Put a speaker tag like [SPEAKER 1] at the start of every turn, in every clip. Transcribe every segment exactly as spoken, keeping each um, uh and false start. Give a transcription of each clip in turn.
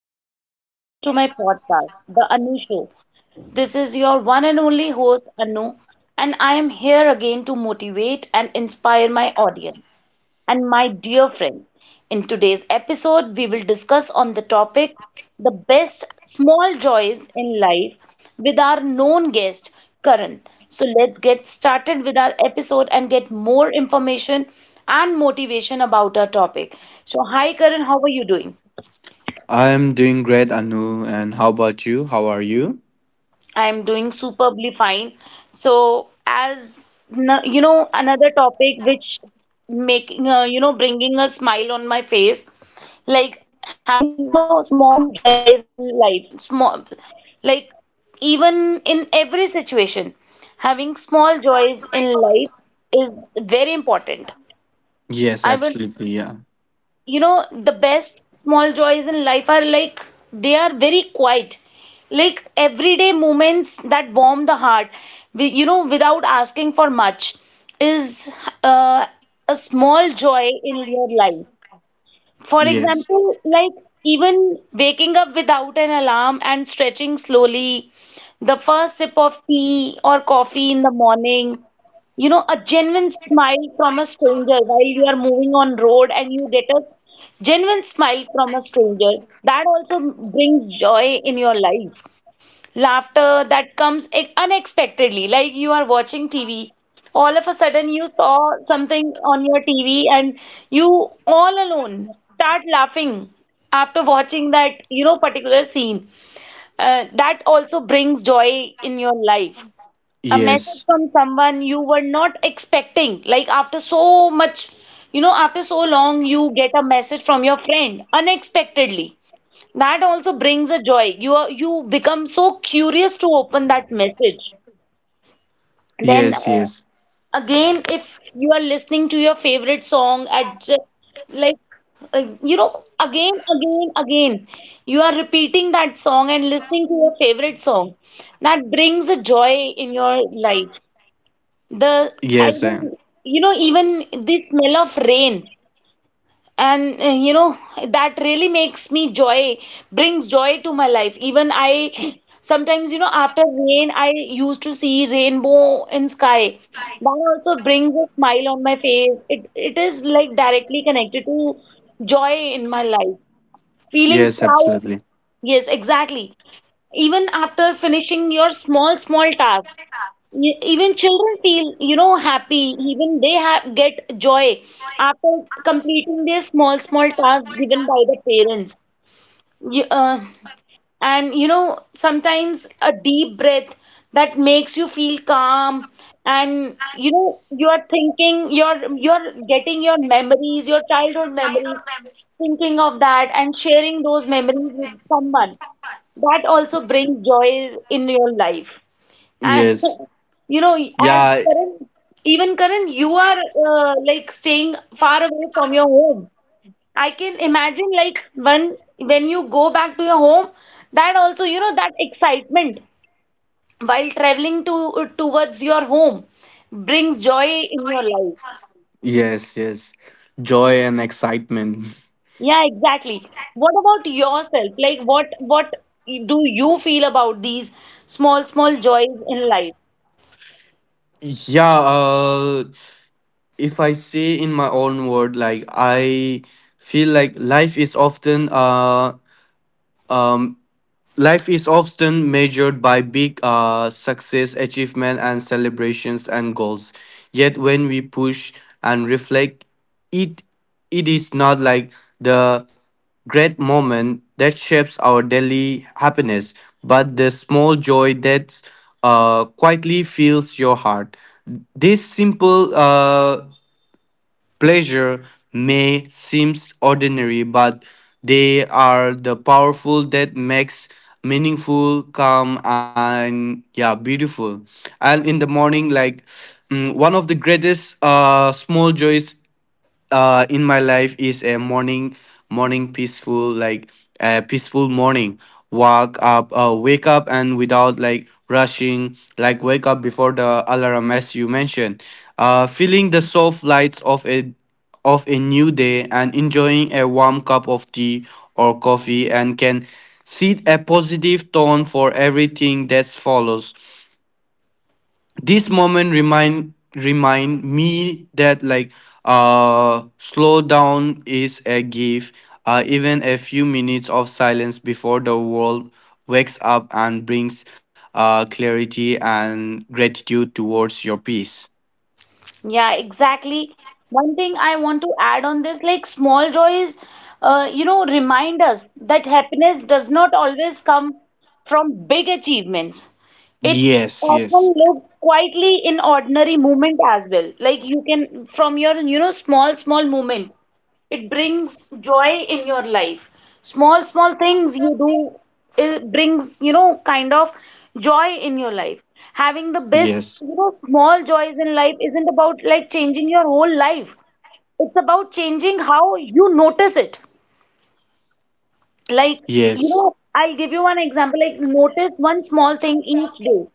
[SPEAKER 1] Hello and welcome to my podcast, The Anu Show. This is your one and only host, Anu, and I am here again to motivate and inspire my audience and my dear friends. In today's episode, we will discuss on the topic the best small joys in life with our known guest, Karan. So let's get started with our episode and get more information and motivation about our topic. So, hi Karan, how are you doing?
[SPEAKER 2] I'm doing great, Anu. And how about you? How are you?
[SPEAKER 1] I'm doing superbly fine. So, as n- you know, another topic which making uh, you know bringing a smile on my face, like having you know small joys in life, small like even in every situation, having small joys in life is very important.
[SPEAKER 2] Yes,
[SPEAKER 1] I would
[SPEAKER 2] absolutely. Yeah.
[SPEAKER 1] you know the best small joys in life are like they are very quiet like everyday moments that warm the heart we, you know without asking for much is uh, a small joy in your life, for
[SPEAKER 2] Yes.
[SPEAKER 1] example, like even waking up without an alarm and stretching slowly, the first sip of tea or coffee in the morning, you know, a genuine smile from a stranger while you are moving on road and you get a genuine smile from a stranger, that also brings joy in your life. Laughter that comes ex- unexpectedly, like you are watching TV, all of a sudden you saw something on your TV and you all alone start laughing after watching that you know particular scene. Uh, that also brings joy in your life. A message
[SPEAKER 2] Yes.
[SPEAKER 1] from someone you were not expecting, like after so much you know after so long you get a message from your friend unexpectedly, that also brings a joy. You are, you become so curious to open that message. Then
[SPEAKER 2] Yes.
[SPEAKER 1] uh,
[SPEAKER 2] Yes.
[SPEAKER 1] again, if you are listening to your favorite song at ju- like uh, you know again, again, again, you are repeating that song and listening to your favorite song. That brings a joy in your life. The I
[SPEAKER 2] Yes. I am.
[SPEAKER 1] even you know even the smell of rain and uh, you know that really makes me joy, brings joy to my life. Even I sometimes you know after rain I used to see rainbow in sky, that also brings a smile on my face. It it is like directly connected to joy in my life. Feeling
[SPEAKER 2] Yes.
[SPEAKER 1] proud,
[SPEAKER 2] Absolutely.
[SPEAKER 1] yes exactly, even after finishing your small small task. E- Even children feel, you know, happy. Even they have get joy after completing their small, small tasks given by the parents. You, uh, and you know, sometimes a deep breath that makes you feel calm, and you know, you are thinking, you're you're getting your memories, your childhood memories, thinking of that, and sharing those memories with someone. That also brings joy in your life. And
[SPEAKER 2] Yes.
[SPEAKER 1] you know, as
[SPEAKER 2] Yeah.
[SPEAKER 1] Karan, even Karan, you are uh, like staying far away from your home. I can imagine like when when you go back to your home, that also, you know, that excitement while traveling to towards your home brings joy in your life.
[SPEAKER 2] Yes. Yes. Joy and excitement.
[SPEAKER 1] Yeah, exactly. What about yourself? Like what what do you feel about these small small joys in life?
[SPEAKER 2] Yeah. Uh, if I say in my own word, like I feel like life is often uh um life is often measured by big uh, success, achievement, and celebrations and goals. Yet, when we push and reflect, it it is not like the great moment that shapes our daily happiness, but the small joy that uh, quietly fills your heart. This simple uh, pleasure may seem ordinary, but they are the powerful that makes meaningful, calm, and yeah, beautiful. And in the morning, like mm, one of the greatest uh, small joys uh in my life is a morning morning peaceful like a peaceful morning walk up uh, wake up and without like rushing, like wake up before the alarm as you mentioned, uh feeling the soft lights of a of a new day and enjoying a warm cup of tea or coffee and can set a positive tone for everything that follows. This moment remind remind me that like uh slow down is a gift. Uh, even a few minutes of silence before the world wakes up and brings uh, clarity and gratitude towards your peace.
[SPEAKER 1] Yeah, exactly. One thing I want to add on this, like small joys, uh, you know, remind us that happiness does not always come from big achievements. It
[SPEAKER 2] Yes, yes.
[SPEAKER 1] often lives quietly in ordinary moment as well. Like you can, from your, you know, small, small moment. It brings joy in your life. Small, small things you do, it brings, you know, kind of joy in your life. Having the best,
[SPEAKER 2] Yes,
[SPEAKER 1] you know, small joys in life isn't about like changing your whole life. It's about changing how you notice it. Like, you
[SPEAKER 2] yes.
[SPEAKER 1] know, I'll give you one example. Like, notice one small thing each day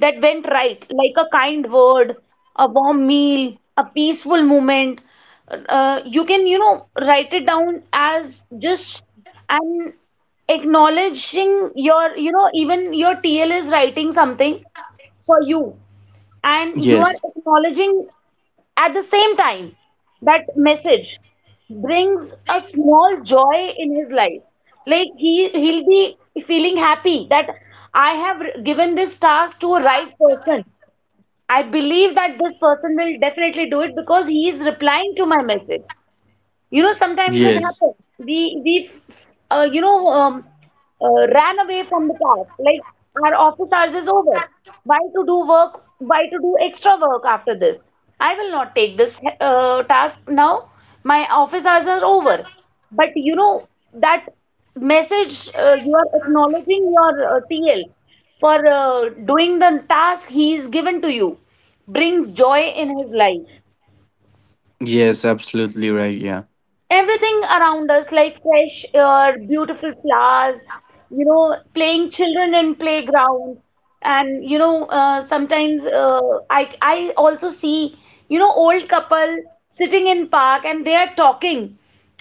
[SPEAKER 1] that went right, like a kind word, a warm meal, a peaceful moment. Uh, you can, you know, write it down as just an acknowledging your, you know, even your T L is writing something for you, and you are
[SPEAKER 2] Yes,
[SPEAKER 1] acknowledging at the same time that message brings a small joy in his life. Like he he'll be feeling happy that I have given this task to a right person. I believe that this person will definitely do it because he is replying to my message. You know, sometimes it
[SPEAKER 2] yes.
[SPEAKER 1] happens. We we uh, you know um, uh, ran away from the task. Like our office hours is over. Why to do work? Why to do extra work after this? I will not take this uh, task now. My office hours are over. But you know that message uh, you are acknowledging your uh, T L for uh, doing the task he is given to you brings joy in his life.
[SPEAKER 2] Yes, absolutely right. Yeah.
[SPEAKER 1] Everything around us like fresh air, beautiful flowers, you know playing children in playground, and you know uh, sometimes uh, i i also see you know old couple sitting in park and they are talking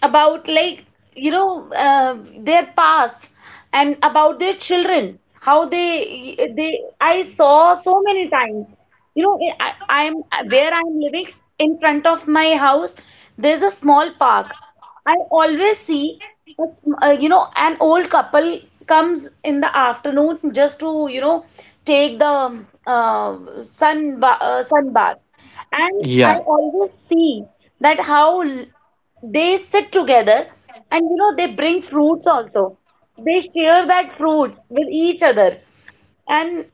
[SPEAKER 1] about like you know uh, their past and about their children, how they they I saw so many times. You know, I, I'm where I'm living in front of my house, there's a small park. I always see a, sm- uh, you know, an old couple comes in the afternoon just to, you know, take the um, uh, sun ba uh, sun bath. And I
[SPEAKER 2] Yeah.
[SPEAKER 1] always see that how l- they sit together and, you know, they bring fruits also. They share that fruits with each other and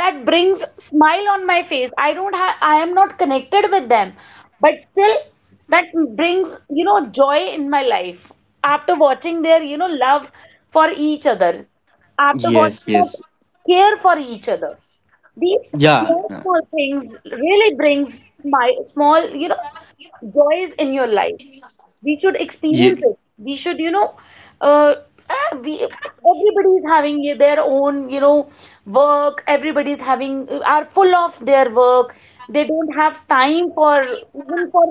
[SPEAKER 1] that brings smile on my face. I don't have, I am not connected with them, but still that brings you know joy in my life after watching their you know love for each other, after
[SPEAKER 2] Yes,
[SPEAKER 1] watching that
[SPEAKER 2] yes.
[SPEAKER 1] care for each other. These
[SPEAKER 2] Yeah.
[SPEAKER 1] small small things really brings my small you know joys in your life. We should
[SPEAKER 2] Yeah.
[SPEAKER 1] experience it, we should you know uh, eh, we, everybody is having their own you know work, everybody is having, are full of their work, they don't have time for even for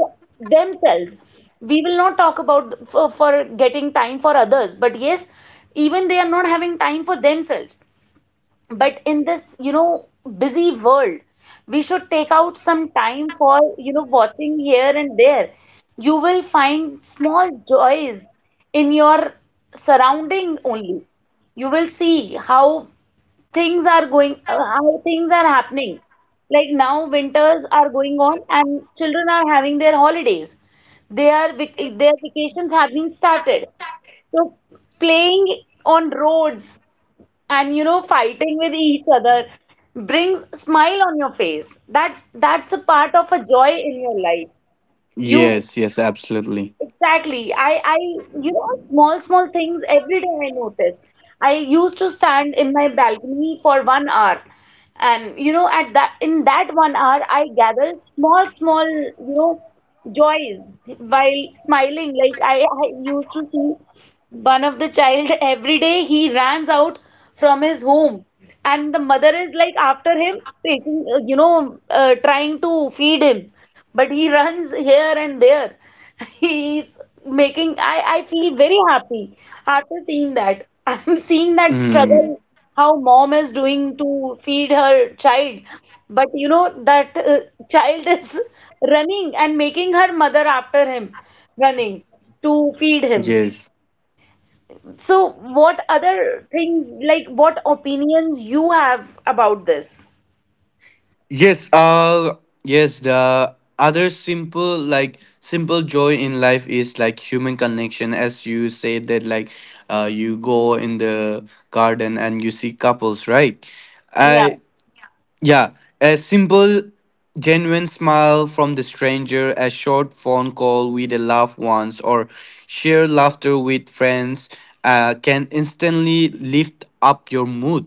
[SPEAKER 1] themselves. We will not talk about for, for getting time for others, but yes, even they are not having time for themselves. But in this you know busy world, we should take out some time for you know watching here and there. You will find small joys in your surrounding only. You will see how things are going, uh, how things are happening. Like now winters are going on and children are having their holidays, their vac- their vacations have been started. So playing on roads and you know fighting with each other brings smile on your face. That that's a part of a joy in your life. You
[SPEAKER 2] Yes, yes, absolutely.
[SPEAKER 1] exactly, i i you know small small things every day I notice. I used to stand in my balcony for one hour and you know at that in that one hour I gather small small you know joys while smiling. Like i, I used to see one of the child every day he runs out from his home and the mother is like after him taking uh, you know uh, trying to feed him, but he runs here and there. He's making, I I feel very happy after seeing that. I'm seeing that
[SPEAKER 2] Mm.
[SPEAKER 1] struggle how mom is doing to feed her child, but you know that uh, child is running and making her mother after him running to feed him.
[SPEAKER 2] Yes.
[SPEAKER 1] So, what other things, like what opinions you have about this?
[SPEAKER 2] Yes. Uh yes, the other simple, like simple joy in life is like human connection. As you said that, like uh you go in the garden and you see couples, right?
[SPEAKER 1] Yeah,
[SPEAKER 2] I Yeah, a simple, genuine smile from the stranger, a short phone call with a laugh once, or sheer laughter with friends uh, can instantly lift up your mood.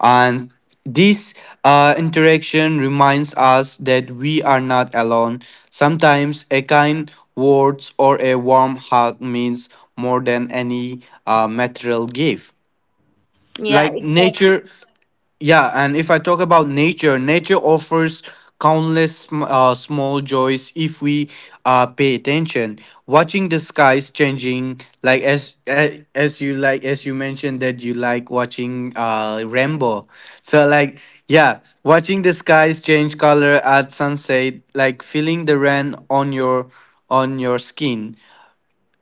[SPEAKER 2] And this uh, interaction reminds us that we are not alone. Sometimes a kind words or a warm hug means more than any uh, material gift.
[SPEAKER 1] yeah,
[SPEAKER 2] Like
[SPEAKER 1] exactly.
[SPEAKER 2] nature, yeah, and if I talk about nature, nature offers countless sm- uh, small joys if we uh, pay attention. Watching the skies changing, like as as, as you, like as you mentioned that you like watching uh, Rambo. So like, yeah, watching the skies change color at sunset, like feeling the rain on your on your skin,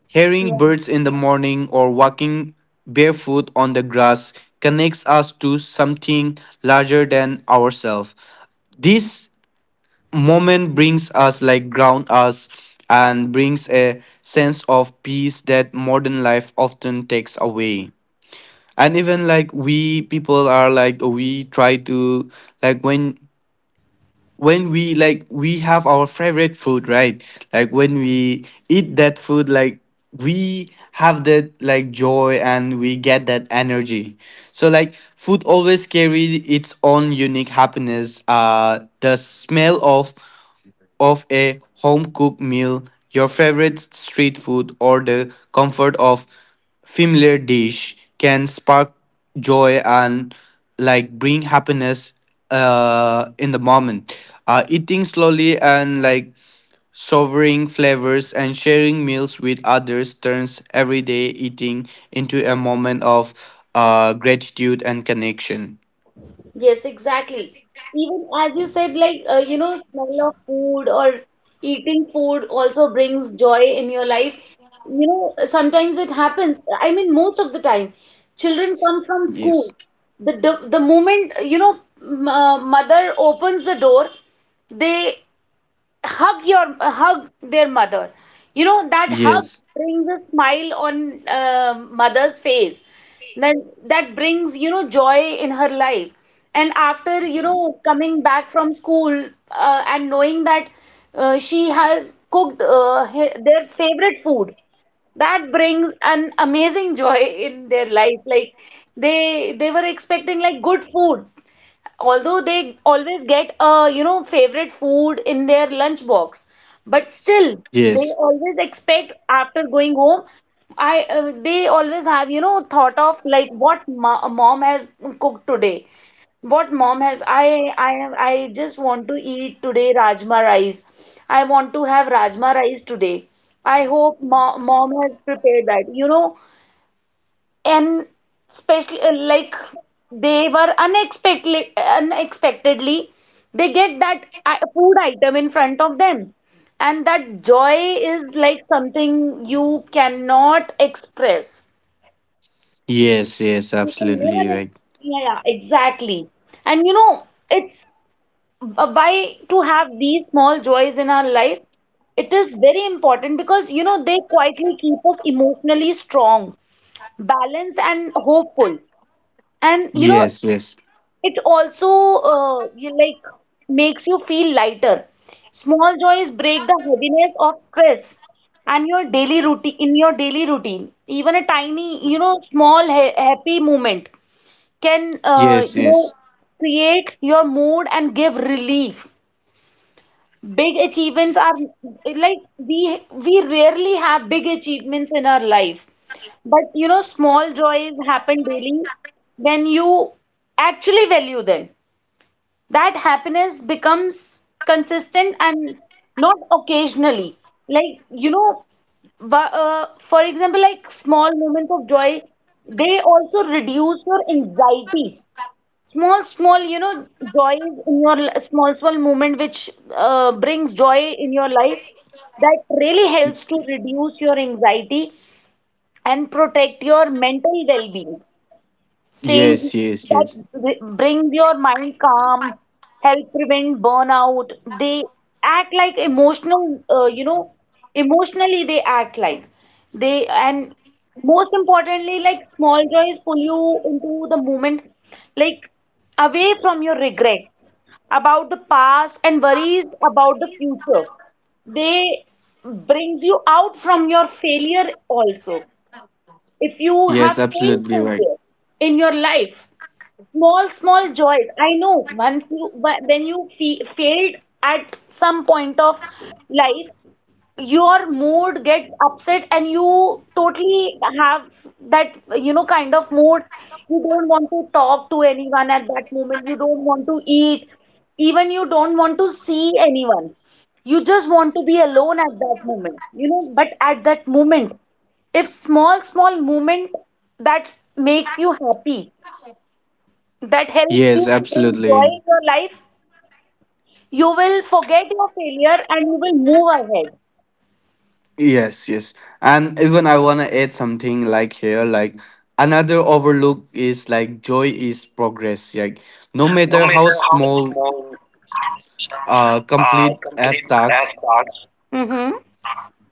[SPEAKER 2] hearing
[SPEAKER 1] Yeah.
[SPEAKER 2] birds in the morning or walking barefoot on the grass connects us to something larger than ourselves. This moment brings us, like, ground us and brings a sense of peace that modern life often takes away. And even like we people are like we try to like when when we, like, we have our favorite food, right? Like when we eat that food, like we have that like joy and we get that energy. So like food always carry its own unique happiness. Uh the smell of of a home-cooked meal, your favorite street food, or the comfort of familiar dish can spark joy and like bring happiness uh, in the moment. Uh, eating slowly and, like, savoring flavors and sharing meals with others turns everyday eating into a moment of uh, gratitude and connection.
[SPEAKER 1] Yes, exactly. Even as you said, like, uh, you know, smell of food or eating food also brings joy in your life. You know, sometimes it happens. I mean, most of the time, children come from
[SPEAKER 2] Yes.
[SPEAKER 1] school. The, the, the moment, you know, m- uh, mother opens the door, they hug your hug their mother. You know that hug
[SPEAKER 2] Yes.
[SPEAKER 1] brings a smile on uh, mother's face, then that brings you know joy in her life. And after you know coming back from school, uh, and knowing that uh, she has cooked, uh, he- their favorite food, that brings an amazing joy in their life. Like, they they were expecting, like, good food. Although they always get a, you know favorite food in their lunch box, but still they
[SPEAKER 2] Yes.
[SPEAKER 1] always expect, after going home. I uh, They always have, you know thought of like what ma- mom has cooked today, what mom has. I i i just want to eat today rajma rice. I want to have rajma rice today. I hope mo- mom has prepared that you know And especially, uh, like, they were unexpectedly unexpectedly they get that i- food item in front of them, and that joy is like something you cannot express.
[SPEAKER 2] Yes. Yes,
[SPEAKER 1] You can never
[SPEAKER 2] absolutely
[SPEAKER 1] ex-
[SPEAKER 2] right.
[SPEAKER 1] Yeah, yeah, exactly. And you know it's uh, why to have these small joys in our life? It is very important because you know they quietly keep us emotionally strong, balanced, and hopeful. And you know
[SPEAKER 2] Yes, yes,
[SPEAKER 1] it also, uh, you like, makes you feel lighter. Small joys break the heaviness of stress and your daily routine in your daily routine. Even a tiny, you know, small ha happy moment can, uh,
[SPEAKER 2] yes,
[SPEAKER 1] you
[SPEAKER 2] yes.
[SPEAKER 1] know create your mood and give relief. Big achievements are, like, we we rarely have big achievements in our life. But you know, small joys happen daily. When you actually value them, that happiness becomes consistent and not occasionally. Like, you know wa- uh, for example, like, small moments of joy, they also reduce your anxiety. Small, small, you know joys in your li- small, small moment which, uh, brings joy in your life, that really
[SPEAKER 2] Y-
[SPEAKER 1] helps to reduce your anxiety and protect your mental well-being. Staying
[SPEAKER 2] yes, yes,
[SPEAKER 1] that
[SPEAKER 2] yes,
[SPEAKER 1] br- brings your mind calm, help prevent burnout. They act like emotional, uh, you know, emotionally they act like they and most importantly, like, small joys pull you into the moment, like, away from your regrets about the past and worries about the future. They brings you out from your failure also, if you have
[SPEAKER 2] yes,
[SPEAKER 1] pain
[SPEAKER 2] absolutely right.
[SPEAKER 1] somewhere in your life. Small, small joys, I know once you but when you fe- failed at some point of life, your mood gets upset, and you totally have that, you know kind of mood. You don't want to talk to anyone at that moment, you don't want to eat, even you don't want to see anyone. You just want to be alone at that moment, you know but at that moment, if small, small moment that makes you happy, that helps you
[SPEAKER 2] Yes,
[SPEAKER 1] to bring joy
[SPEAKER 2] absolutely.
[SPEAKER 1] in your life, you will forget your failure and you will move ahead.
[SPEAKER 2] Yes, yes. And even I want to add something like here, like another overlook is like joy is progress. Like no matter
[SPEAKER 1] No
[SPEAKER 2] how
[SPEAKER 1] matter how
[SPEAKER 2] small,
[SPEAKER 1] small,
[SPEAKER 2] uh,
[SPEAKER 1] uh,
[SPEAKER 2] complete as
[SPEAKER 1] complete as
[SPEAKER 2] tasks,
[SPEAKER 1] tasks. Mm-hmm.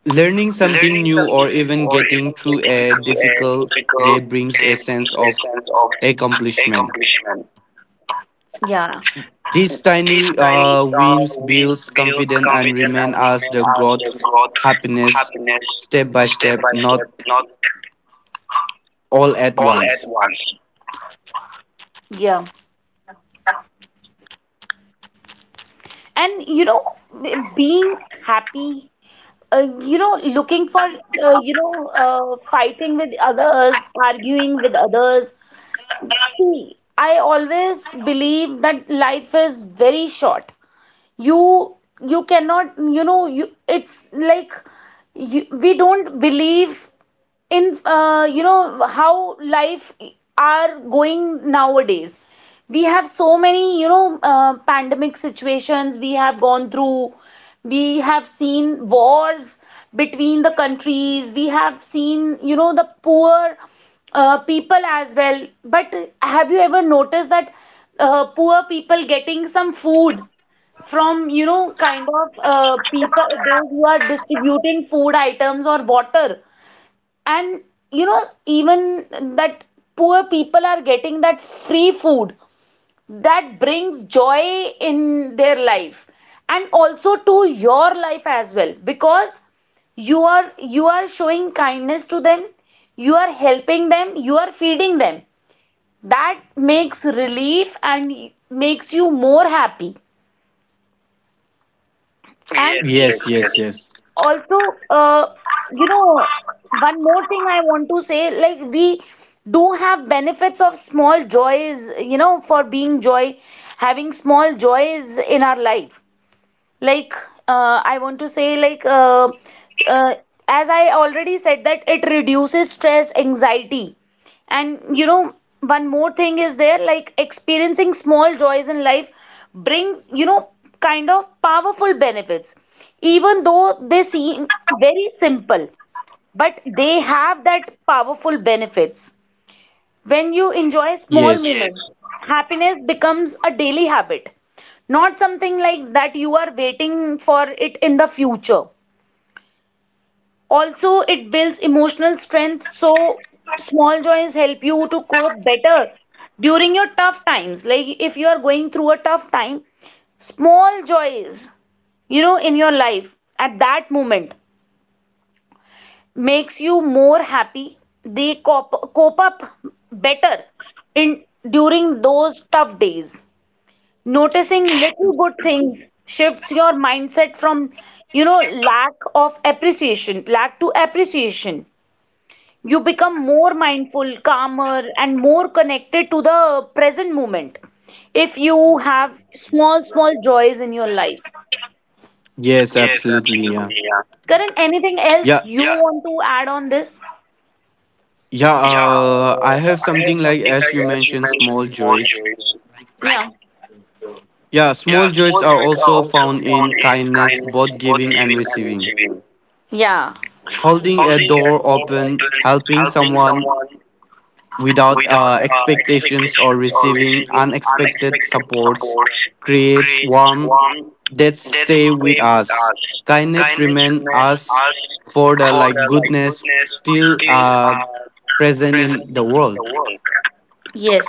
[SPEAKER 2] learning something
[SPEAKER 1] Learning
[SPEAKER 2] new
[SPEAKER 1] something
[SPEAKER 2] or
[SPEAKER 1] new
[SPEAKER 2] even
[SPEAKER 1] or even
[SPEAKER 2] getting through
[SPEAKER 1] getting
[SPEAKER 2] a
[SPEAKER 1] through a
[SPEAKER 2] difficult day
[SPEAKER 1] difficult
[SPEAKER 2] brings a
[SPEAKER 1] day
[SPEAKER 2] sense
[SPEAKER 1] brings a
[SPEAKER 2] of
[SPEAKER 1] sense of
[SPEAKER 2] accomplishment.
[SPEAKER 1] accomplishment. Yeah.
[SPEAKER 2] These
[SPEAKER 1] These
[SPEAKER 2] tiny
[SPEAKER 1] tiny,
[SPEAKER 2] uh,
[SPEAKER 1] uh,
[SPEAKER 2] wins
[SPEAKER 1] wins
[SPEAKER 2] builds
[SPEAKER 1] builds
[SPEAKER 2] confidence and
[SPEAKER 1] confidence
[SPEAKER 2] remain
[SPEAKER 1] and
[SPEAKER 2] as
[SPEAKER 1] remain
[SPEAKER 2] the
[SPEAKER 1] as
[SPEAKER 2] growth
[SPEAKER 1] they growth
[SPEAKER 2] happiness
[SPEAKER 1] happiness
[SPEAKER 2] step by
[SPEAKER 1] step
[SPEAKER 2] step,
[SPEAKER 1] by
[SPEAKER 2] not
[SPEAKER 1] step, not
[SPEAKER 2] all at
[SPEAKER 1] all at
[SPEAKER 2] once.
[SPEAKER 1] once. Yeah. And you know, being happy, uh, you know, looking for, uh, you know, uh, fighting with others, arguing with others. See, I always believe that life is very short. You, you cannot, you know, you, it's like, you, we don't believe in, uh, you know how life are going nowadays. We have so many, you know uh, pandemic situations we have gone through. We have seen wars between the countries, we have seen, you know the poor, uh, people as well, but have you ever noticed that, uh, poor people getting some food from, you know kind of, uh, people, those who are distributing food items or water, and you know even that poor people are getting that free food, that brings joy in their life, and also to your life as well, because you are you are showing kindness to them, you are helping them, you are feeding them, that makes relief and makes you more happy. And yes, yes,
[SPEAKER 2] Yes, yes,
[SPEAKER 1] yes.
[SPEAKER 2] yes.
[SPEAKER 1] Also, uh, you know one more thing I want to say, like, we do have benefits of small joys, you know for being joy, having small joys in our life. Like, uh, I want to say, like, uh, uh, as I already said that it reduces stress, anxiety, and you know one more thing is there, like, experiencing small joys in life brings, you know kind of powerful benefits, even though they seem very simple, but they have that powerful benefits. When you enjoy small,
[SPEAKER 2] Yes.
[SPEAKER 1] yes, moments, happiness becomes a daily habit, not something like that you are waiting for it in the future. Also, it builds emotional strength, so small joys help you to cope better during your tough times. Like, if you are going through a tough time, small joys, you know, in your life at that moment makes you more happy. They cope, cope up better in during those tough days. Noticing little good things shifts your mindset from, you know, lack of appreciation, lack to appreciation. You become more mindful, calmer, and more connected to the present moment if you have small, small joys in your life.
[SPEAKER 2] Yes,
[SPEAKER 1] Yes,
[SPEAKER 2] absolutely. Yeah.
[SPEAKER 1] absolutely. Yeah. Karan, anything else
[SPEAKER 2] Yeah.
[SPEAKER 1] you, yeah, want to add on this?
[SPEAKER 2] Yeah,
[SPEAKER 1] Yeah.
[SPEAKER 2] uh I
[SPEAKER 1] Uh,
[SPEAKER 2] have
[SPEAKER 1] I have
[SPEAKER 2] something like
[SPEAKER 1] something,
[SPEAKER 2] as
[SPEAKER 1] like,
[SPEAKER 2] you
[SPEAKER 1] as you
[SPEAKER 2] mentioned
[SPEAKER 1] mentioned,
[SPEAKER 2] small
[SPEAKER 1] small
[SPEAKER 2] joys.
[SPEAKER 1] joys. Like, yeah.
[SPEAKER 2] Yeah,
[SPEAKER 1] Yeah,
[SPEAKER 2] small joys
[SPEAKER 1] small
[SPEAKER 2] are
[SPEAKER 1] joys are
[SPEAKER 2] also
[SPEAKER 1] also
[SPEAKER 2] found
[SPEAKER 1] found
[SPEAKER 2] in
[SPEAKER 1] in
[SPEAKER 2] kindness,
[SPEAKER 1] kindness,
[SPEAKER 2] both
[SPEAKER 1] both
[SPEAKER 2] giving and
[SPEAKER 1] giving and
[SPEAKER 2] receiving.
[SPEAKER 1] receiving. Yeah.
[SPEAKER 2] Holding a
[SPEAKER 1] Holding a
[SPEAKER 2] door
[SPEAKER 1] door
[SPEAKER 2] open,
[SPEAKER 1] open,
[SPEAKER 2] helping
[SPEAKER 1] helping
[SPEAKER 2] someone,
[SPEAKER 1] someone
[SPEAKER 2] without
[SPEAKER 1] without,
[SPEAKER 2] uh,
[SPEAKER 1] uh,
[SPEAKER 2] expectations or
[SPEAKER 1] expectations, or
[SPEAKER 2] receiving
[SPEAKER 1] receiving
[SPEAKER 2] unexpected
[SPEAKER 1] unexpected
[SPEAKER 2] supports,
[SPEAKER 1] support
[SPEAKER 2] creates
[SPEAKER 1] creates
[SPEAKER 2] warmth
[SPEAKER 1] warmth
[SPEAKER 2] that
[SPEAKER 1] that
[SPEAKER 2] stay
[SPEAKER 1] stay
[SPEAKER 2] with
[SPEAKER 1] with
[SPEAKER 2] us.
[SPEAKER 1] us.
[SPEAKER 2] Kindness
[SPEAKER 1] Kindness
[SPEAKER 2] remain
[SPEAKER 1] remains
[SPEAKER 2] us
[SPEAKER 1] us
[SPEAKER 2] for the,
[SPEAKER 1] for the,
[SPEAKER 2] like,
[SPEAKER 1] like,
[SPEAKER 2] goodness
[SPEAKER 1] goodness
[SPEAKER 2] still
[SPEAKER 1] still,
[SPEAKER 2] uh,
[SPEAKER 1] uh,
[SPEAKER 2] present
[SPEAKER 1] present
[SPEAKER 2] in the
[SPEAKER 1] in the
[SPEAKER 2] world.
[SPEAKER 1] world. Yes.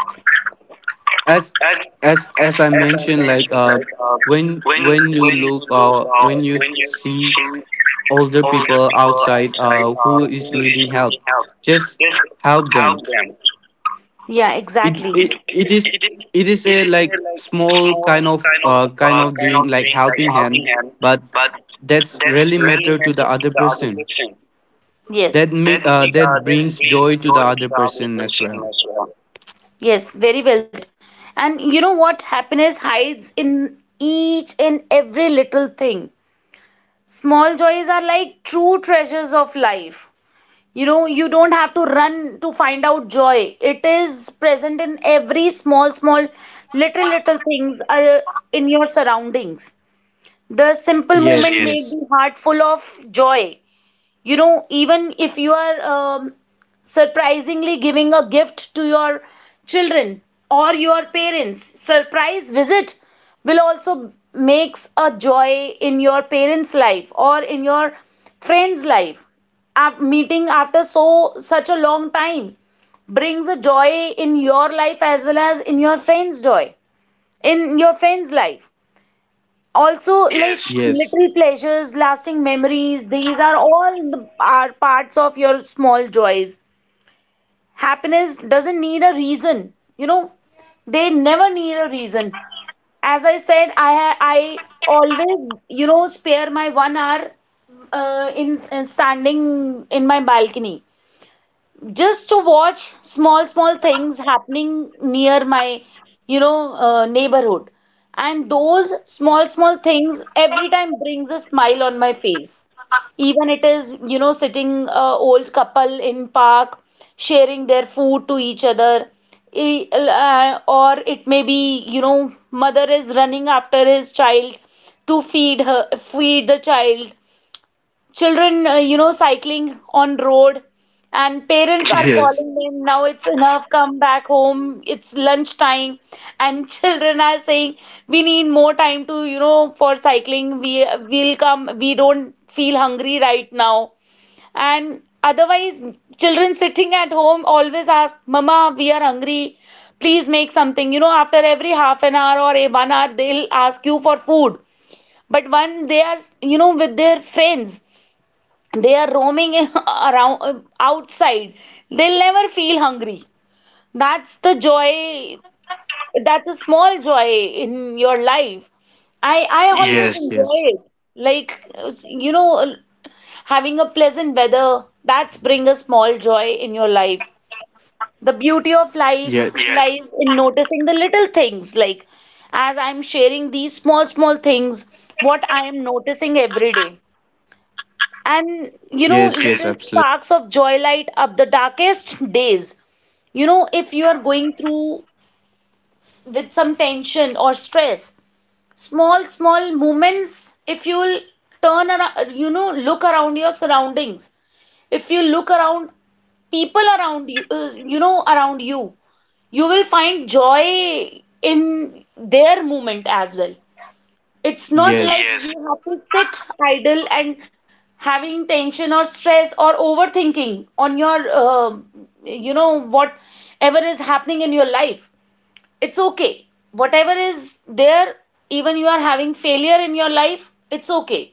[SPEAKER 2] As
[SPEAKER 1] as
[SPEAKER 2] as
[SPEAKER 1] as
[SPEAKER 2] as I
[SPEAKER 1] as I
[SPEAKER 2] mentioned, like
[SPEAKER 1] mentioned,
[SPEAKER 2] uh,
[SPEAKER 1] like, uh,
[SPEAKER 2] when
[SPEAKER 1] when
[SPEAKER 2] when you
[SPEAKER 1] when you
[SPEAKER 2] look
[SPEAKER 1] look,
[SPEAKER 2] uh,
[SPEAKER 1] uh,
[SPEAKER 2] when you
[SPEAKER 1] when you
[SPEAKER 2] see
[SPEAKER 1] see
[SPEAKER 2] older
[SPEAKER 1] older
[SPEAKER 2] people
[SPEAKER 1] people
[SPEAKER 2] outside
[SPEAKER 1] outside,
[SPEAKER 2] uh,
[SPEAKER 1] uh,
[SPEAKER 2] who
[SPEAKER 1] who
[SPEAKER 2] is
[SPEAKER 1] is
[SPEAKER 2] needing help,
[SPEAKER 1] needing help,
[SPEAKER 2] just
[SPEAKER 1] just
[SPEAKER 2] help
[SPEAKER 1] help
[SPEAKER 2] them.
[SPEAKER 1] them. Yeah,
[SPEAKER 2] It
[SPEAKER 1] exactly. It
[SPEAKER 2] it, it
[SPEAKER 1] it,
[SPEAKER 2] is,
[SPEAKER 1] it is
[SPEAKER 2] it is
[SPEAKER 1] it
[SPEAKER 2] a
[SPEAKER 1] is a,
[SPEAKER 2] like
[SPEAKER 1] like,
[SPEAKER 2] small
[SPEAKER 1] small
[SPEAKER 2] kind of
[SPEAKER 1] kind of,
[SPEAKER 2] uh kind
[SPEAKER 1] uh,
[SPEAKER 2] of
[SPEAKER 1] kind
[SPEAKER 2] doing
[SPEAKER 1] of
[SPEAKER 2] like
[SPEAKER 1] doing like
[SPEAKER 2] helping
[SPEAKER 1] helping
[SPEAKER 2] hand,
[SPEAKER 1] hand,
[SPEAKER 2] but
[SPEAKER 1] but
[SPEAKER 2] that's
[SPEAKER 1] that's
[SPEAKER 2] really
[SPEAKER 1] really
[SPEAKER 2] matter to the
[SPEAKER 1] matters to
[SPEAKER 2] other
[SPEAKER 1] the other
[SPEAKER 2] person.
[SPEAKER 1] person.
[SPEAKER 2] That
[SPEAKER 1] Yes. That
[SPEAKER 2] make uh
[SPEAKER 1] make uh,
[SPEAKER 2] that
[SPEAKER 1] that
[SPEAKER 2] brings
[SPEAKER 1] brings
[SPEAKER 2] joy to the
[SPEAKER 1] joy to
[SPEAKER 2] other
[SPEAKER 1] the other
[SPEAKER 2] person as well.
[SPEAKER 1] person as well. Yes, very well. And you know what? Happiness hides in each and every little thing. Small joys are like true treasures of life. You know, you don't have to run to find out joy. It is present in every small, small, little, little things are in your surroundings. The simple, yes, moment,
[SPEAKER 2] Yes,
[SPEAKER 1] yes, make
[SPEAKER 2] yes,
[SPEAKER 1] the heart full of joy. You know even if you are, um, surprisingly giving a gift to your children, or your parents surprise visit will also makes a joy in your parents life or in your friends life. Af- meeting after so such a long time brings a joy in your life as well as in your friends joy in your friends life. Also, like,
[SPEAKER 2] yes,
[SPEAKER 1] military pleasures, lasting memories, these are all in the are parts of your small joys. Happiness doesn't need a reason, you know they never need a reason. As I said, i ha- i always, you know spare my one hour, uh, in, in standing in my balcony, just to watch small, small things happening near my, you know uh, neighborhood. And those small, small things every time brings a smile on my face. Even it is, you know sitting, uh, old couple in park sharing their food to each other. E- uh, or it may be, you know mother is running after his child to feed her feed the child. Children, uh, you know cycling on road, and parents are
[SPEAKER 2] yes,
[SPEAKER 1] calling them, now it's enough, come back home, it's lunch time. And children are saying, we need more time to, you know for cycling, we will come, we don't feel hungry right now. And otherwise, children sitting at home always ask, mama, we are hungry, please make something, you know after every half an hour or a one hour they'll ask you for food. But when they are, you know with their friends, they are roaming around outside, they'll never feel hungry. That's the joy, that's a small joy in your life. I i always, yes,
[SPEAKER 2] yes,
[SPEAKER 1] enjoy
[SPEAKER 2] yes.
[SPEAKER 1] it. Like, you know having a pleasant weather that's bring a small joy in your life. The beauty of life,
[SPEAKER 2] Yeah.
[SPEAKER 1] yes, lies in noticing the little things, like, as I'm sharing these small, small things, what I am noticing every day. And you know,
[SPEAKER 2] Yes,
[SPEAKER 1] yes,
[SPEAKER 2] yes,
[SPEAKER 1] little
[SPEAKER 2] absolutely.
[SPEAKER 1] sparks of joy light up the darkest days. You know, if you are going through, s- with some tension or stress, small, small moments, if you'll turn around, you know, look around your surroundings, if you look around people around you, uh, you know, around you, you will find joy in their movement as well. It's not like,
[SPEAKER 2] Yes,
[SPEAKER 1] yes, you have to sit idle and having tension or stress or overthinking on your, uh, you know, whatever is happening in your life. It's okay. Whatever is there, even you are having failure in your life, it's okay.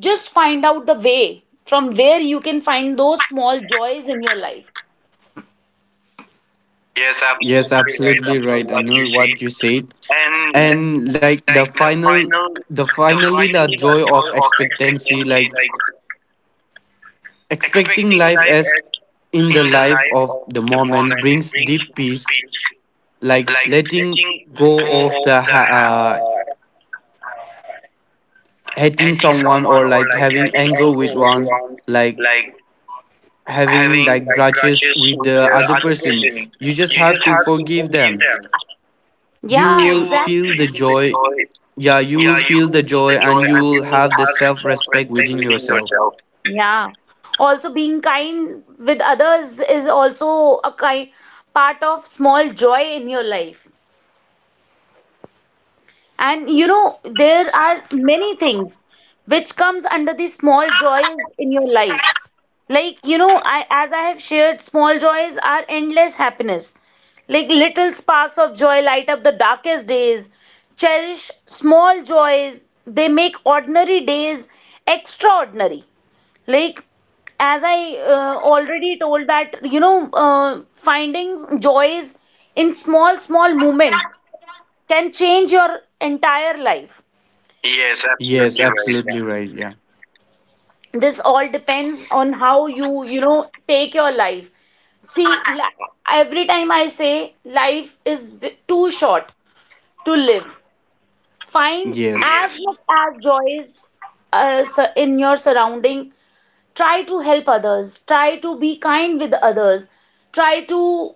[SPEAKER 1] Just find out the way from where you can find those small joys in your life. Yes,
[SPEAKER 2] yes,
[SPEAKER 1] absolutely right,
[SPEAKER 2] absolutely
[SPEAKER 1] Amol,
[SPEAKER 2] right. I
[SPEAKER 1] what you
[SPEAKER 2] know
[SPEAKER 1] said.
[SPEAKER 2] what you said.
[SPEAKER 1] And,
[SPEAKER 2] And like the
[SPEAKER 1] like, the
[SPEAKER 2] final,
[SPEAKER 1] final,
[SPEAKER 2] the
[SPEAKER 1] the
[SPEAKER 2] finally the
[SPEAKER 1] finally the
[SPEAKER 2] joy of
[SPEAKER 1] joy of
[SPEAKER 2] expectancy,
[SPEAKER 1] expectancy,
[SPEAKER 2] like
[SPEAKER 1] like,
[SPEAKER 2] expecting
[SPEAKER 1] expecting
[SPEAKER 2] life
[SPEAKER 1] life
[SPEAKER 2] as
[SPEAKER 1] as
[SPEAKER 2] in
[SPEAKER 1] in
[SPEAKER 2] the
[SPEAKER 1] the
[SPEAKER 2] life
[SPEAKER 1] life
[SPEAKER 2] of
[SPEAKER 1] of
[SPEAKER 2] the
[SPEAKER 1] the
[SPEAKER 2] moment
[SPEAKER 1] moment
[SPEAKER 2] brings
[SPEAKER 1] brings
[SPEAKER 2] deep peace,
[SPEAKER 1] peace.
[SPEAKER 2] like
[SPEAKER 1] Like,
[SPEAKER 2] letting
[SPEAKER 1] letting
[SPEAKER 2] go
[SPEAKER 1] go
[SPEAKER 2] of
[SPEAKER 1] of
[SPEAKER 2] the
[SPEAKER 1] the ha-
[SPEAKER 2] ha- uh,
[SPEAKER 1] uh,
[SPEAKER 2] hating
[SPEAKER 1] hating
[SPEAKER 2] someone
[SPEAKER 1] someone
[SPEAKER 2] or
[SPEAKER 1] or,
[SPEAKER 2] like
[SPEAKER 1] like,
[SPEAKER 2] having
[SPEAKER 1] having
[SPEAKER 2] anger
[SPEAKER 1] anger
[SPEAKER 2] with
[SPEAKER 1] with
[SPEAKER 2] one,
[SPEAKER 1] one,
[SPEAKER 2] like
[SPEAKER 1] like
[SPEAKER 2] having
[SPEAKER 1] having
[SPEAKER 2] like
[SPEAKER 1] like
[SPEAKER 2] grudges
[SPEAKER 1] grudges
[SPEAKER 2] with
[SPEAKER 1] with
[SPEAKER 2] the
[SPEAKER 1] the
[SPEAKER 2] other
[SPEAKER 1] other
[SPEAKER 2] person.
[SPEAKER 1] person.
[SPEAKER 2] You just
[SPEAKER 1] You
[SPEAKER 2] have
[SPEAKER 1] just
[SPEAKER 2] to
[SPEAKER 1] have to
[SPEAKER 2] forgive
[SPEAKER 1] forgive
[SPEAKER 2] them.
[SPEAKER 1] them.
[SPEAKER 2] You
[SPEAKER 1] Yeah, you will,
[SPEAKER 2] will feel
[SPEAKER 1] exactly,
[SPEAKER 2] the
[SPEAKER 1] feel the
[SPEAKER 2] joy.
[SPEAKER 1] joy.
[SPEAKER 2] Yeah, you will
[SPEAKER 1] Yeah, you
[SPEAKER 2] feel
[SPEAKER 1] will
[SPEAKER 2] the
[SPEAKER 1] feel the
[SPEAKER 2] joy
[SPEAKER 1] joy
[SPEAKER 2] and you
[SPEAKER 1] and you
[SPEAKER 2] will
[SPEAKER 1] will
[SPEAKER 2] have the
[SPEAKER 1] have
[SPEAKER 2] self respect
[SPEAKER 1] self-respect
[SPEAKER 2] within
[SPEAKER 1] within
[SPEAKER 2] yourself.
[SPEAKER 1] yourself. Yeah. Also, being kind with others is also a kind part of small joy in your life, and you know
[SPEAKER 2] Yes,
[SPEAKER 1] there
[SPEAKER 2] yes,
[SPEAKER 1] are many things which comes under the small joys in your life. Like, you know I as I have shared, small joys are endless happiness. Like, little sparks of joy light up the darkest days. Cherish small joys, they make ordinary days extraordinary. Like, as I, uh, already told, that, you know uh, finding joys in small, small moments can change your entire life. Yes,
[SPEAKER 2] yes,
[SPEAKER 1] absolutely right. Yeah.
[SPEAKER 2] absolutely right. Yeah,
[SPEAKER 1] This all depends on how you, you know, take your life. See, li- every time I say life is v- too short to live, find
[SPEAKER 2] yes.
[SPEAKER 1] as Yes. much as joy is uh, sur- in your surrounding. Try to help others, try to be kind with others, try to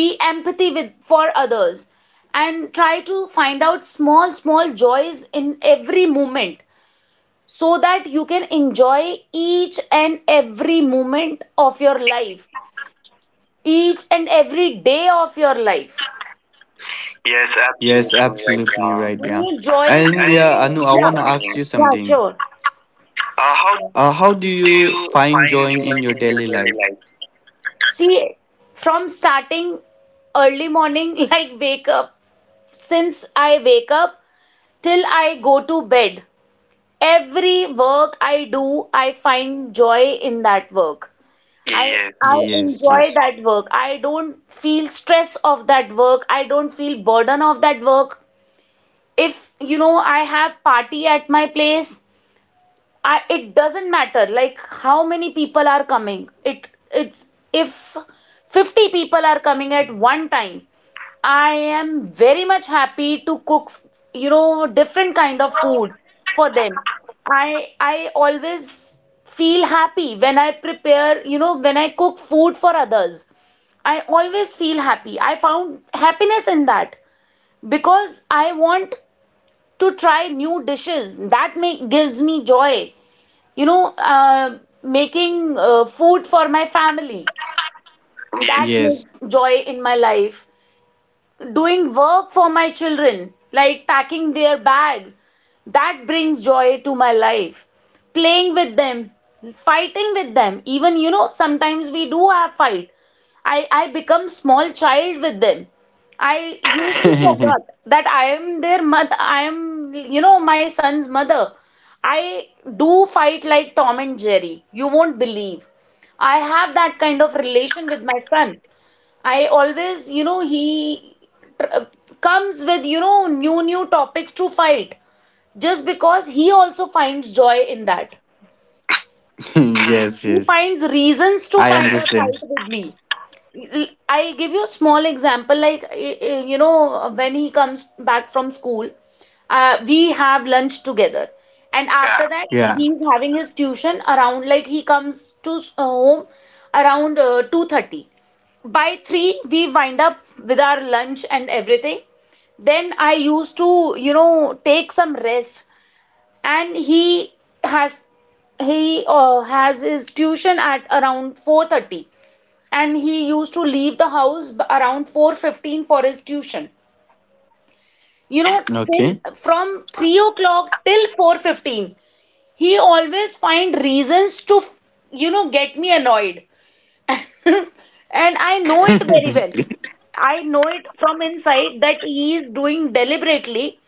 [SPEAKER 1] be empathy with for others and try to find out small small joys in every moment so that you can enjoy each and every moment of your life each and every day of your life. Yes,
[SPEAKER 2] Yes,
[SPEAKER 1] absolutely right.
[SPEAKER 2] absolutely right.
[SPEAKER 1] Uh,
[SPEAKER 2] Yeah.
[SPEAKER 1] Any joys
[SPEAKER 2] And
[SPEAKER 1] I
[SPEAKER 2] yeah, Anu, I
[SPEAKER 1] yeah
[SPEAKER 2] want to ask
[SPEAKER 1] something.
[SPEAKER 2] you
[SPEAKER 1] Yeah
[SPEAKER 2] something.
[SPEAKER 1] Sure. Uh, how
[SPEAKER 2] Uh, how do
[SPEAKER 1] do
[SPEAKER 2] you
[SPEAKER 1] you
[SPEAKER 2] find joy
[SPEAKER 1] find joy
[SPEAKER 2] in your
[SPEAKER 1] in your
[SPEAKER 2] daily
[SPEAKER 1] daily
[SPEAKER 2] life?
[SPEAKER 1] life? See, from starting early morning, like wake up, since I wake up till I go to bed. Every work I do, I find joy in that work. I Yes, I
[SPEAKER 2] Yes,
[SPEAKER 1] enjoy
[SPEAKER 2] yes,
[SPEAKER 1] that work. I don't feel stress of that work. I don't feel burden of that work. If you know I have party at my place, I it doesn't matter like how many people are coming. It it's if fifty people are coming at one time, I am very much happy to cook, you know, different kind of food for them. I I always feel happy when I prepare, you know, when I cook food for others. I always feel happy. I found happiness in that because I want to try new dishes. That make gives me joy. You know, uh, making uh, food for my family. That
[SPEAKER 2] yes.
[SPEAKER 1] makes joy in my life, doing work for my children, like packing their bags. That brings joy to my life. Playing with them, fighting with them. Even you know, sometimes we do have fight. I, I become small child with them. I used to forget that I am their mother. I am, you know, my son's mother. I do fight like Tom and Jerry. You won't believe. I have that kind of relation with my son. I always, you know, he uh, comes with you know new new topics to fight just because he also finds joy in that.
[SPEAKER 2] Yes,
[SPEAKER 1] He
[SPEAKER 2] yes.
[SPEAKER 1] finds reasons to
[SPEAKER 2] I
[SPEAKER 1] fight, uh,
[SPEAKER 2] understand.
[SPEAKER 1] fight with me. L- I'll give you a small example like uh, uh, you know, when he comes back from school, uh, we have lunch together and after that
[SPEAKER 2] Yeah.
[SPEAKER 1] he's having his tuition around, like he comes to s- uh, home around uh, two thirty. By three we wind up with our lunch and everything, then I used to you know take some rest. And he has, he uh, has his tuition at around four thirty, and he used to leave the house around four fifteen for his tuition. You know, till
[SPEAKER 2] Okay.
[SPEAKER 1] from three o'clock till four fifteen he always find reasons to you know get me annoyed. And I know it very well. I know it from inside that he is doing deliberately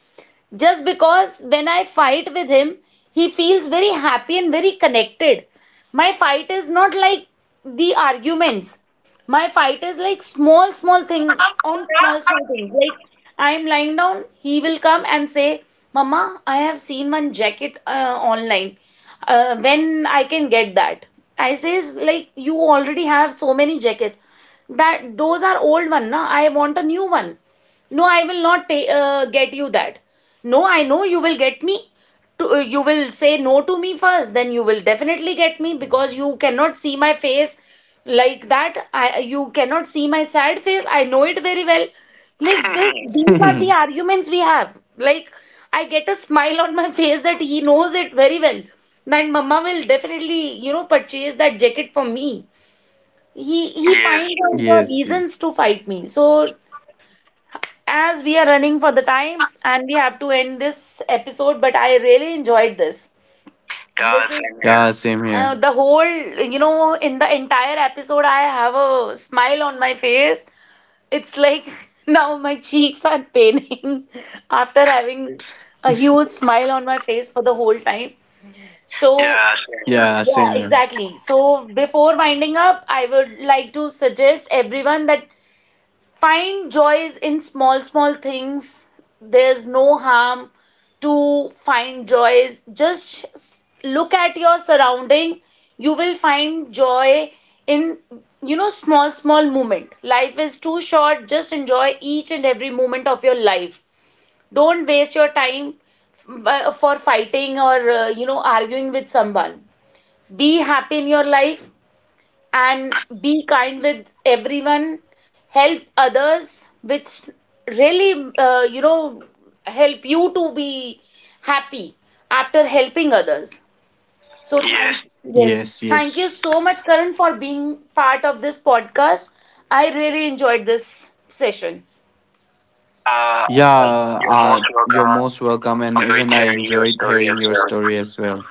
[SPEAKER 1] just because when I fight with him, he feels very happy and very connected. My fight is not like the arguments. My fight is like small, small thing on small, small things. Like I'm lying down, he will come and say, "Mama, I have seen one jacket uh, online. Uh, when I can get that?" I says like, "You already have so many jackets." "That those are old one, na. I want a new one." "No, I will not ta- uh, get you that." "No, I know you will get me. To, uh, you will say no to me first, then you will definitely get me because you cannot see my face like that. I You cannot see my sad face. I know it very well." Like this, these are the arguments we have. Like I get a smile on my face that he knows it very well. That Mama will definitely, you know, purchase that jacket for me. He he Yes. finds out the
[SPEAKER 2] Yes.
[SPEAKER 1] reasons to fight me. So as we are running for the time and we have to end this episode, but I really enjoyed this. Yeah, this is same here.
[SPEAKER 2] Yeah, same
[SPEAKER 1] Uh,
[SPEAKER 2] here.
[SPEAKER 1] the whole, you know, in the entire episode, I have a smile on my face. It's like now my cheeks are paining after having a huge smile on my face for the whole time. So, yeah, same here.
[SPEAKER 2] Yeah, same
[SPEAKER 1] Yeah,
[SPEAKER 2] here.
[SPEAKER 1] exactly. So, before winding up, I would like to suggest everyone that find joys in small small things. There's no harm to find joys. Just look at your surrounding, you will find joy in you know small small moment. Life is too short, just enjoy each and every moment of your life. Don't waste your time f- uh, for fighting or uh, you know arguing with someone. Be happy in your life and be kind with everyone. Help others, which really uh, you know help you to be happy after helping others. So thank, Yes. yes
[SPEAKER 2] Yes,
[SPEAKER 1] thank
[SPEAKER 2] yes.
[SPEAKER 1] you so much, Karan, for being part of this podcast. I really enjoyed this session. Uh,
[SPEAKER 2] Yeah,
[SPEAKER 1] you're most
[SPEAKER 2] uh, you're
[SPEAKER 1] welcome.
[SPEAKER 2] most welcome. And
[SPEAKER 1] Enjoyed
[SPEAKER 2] even I
[SPEAKER 1] hearing your
[SPEAKER 2] enjoyed
[SPEAKER 1] story
[SPEAKER 2] hearing
[SPEAKER 1] as
[SPEAKER 2] your
[SPEAKER 1] well.
[SPEAKER 2] story as well.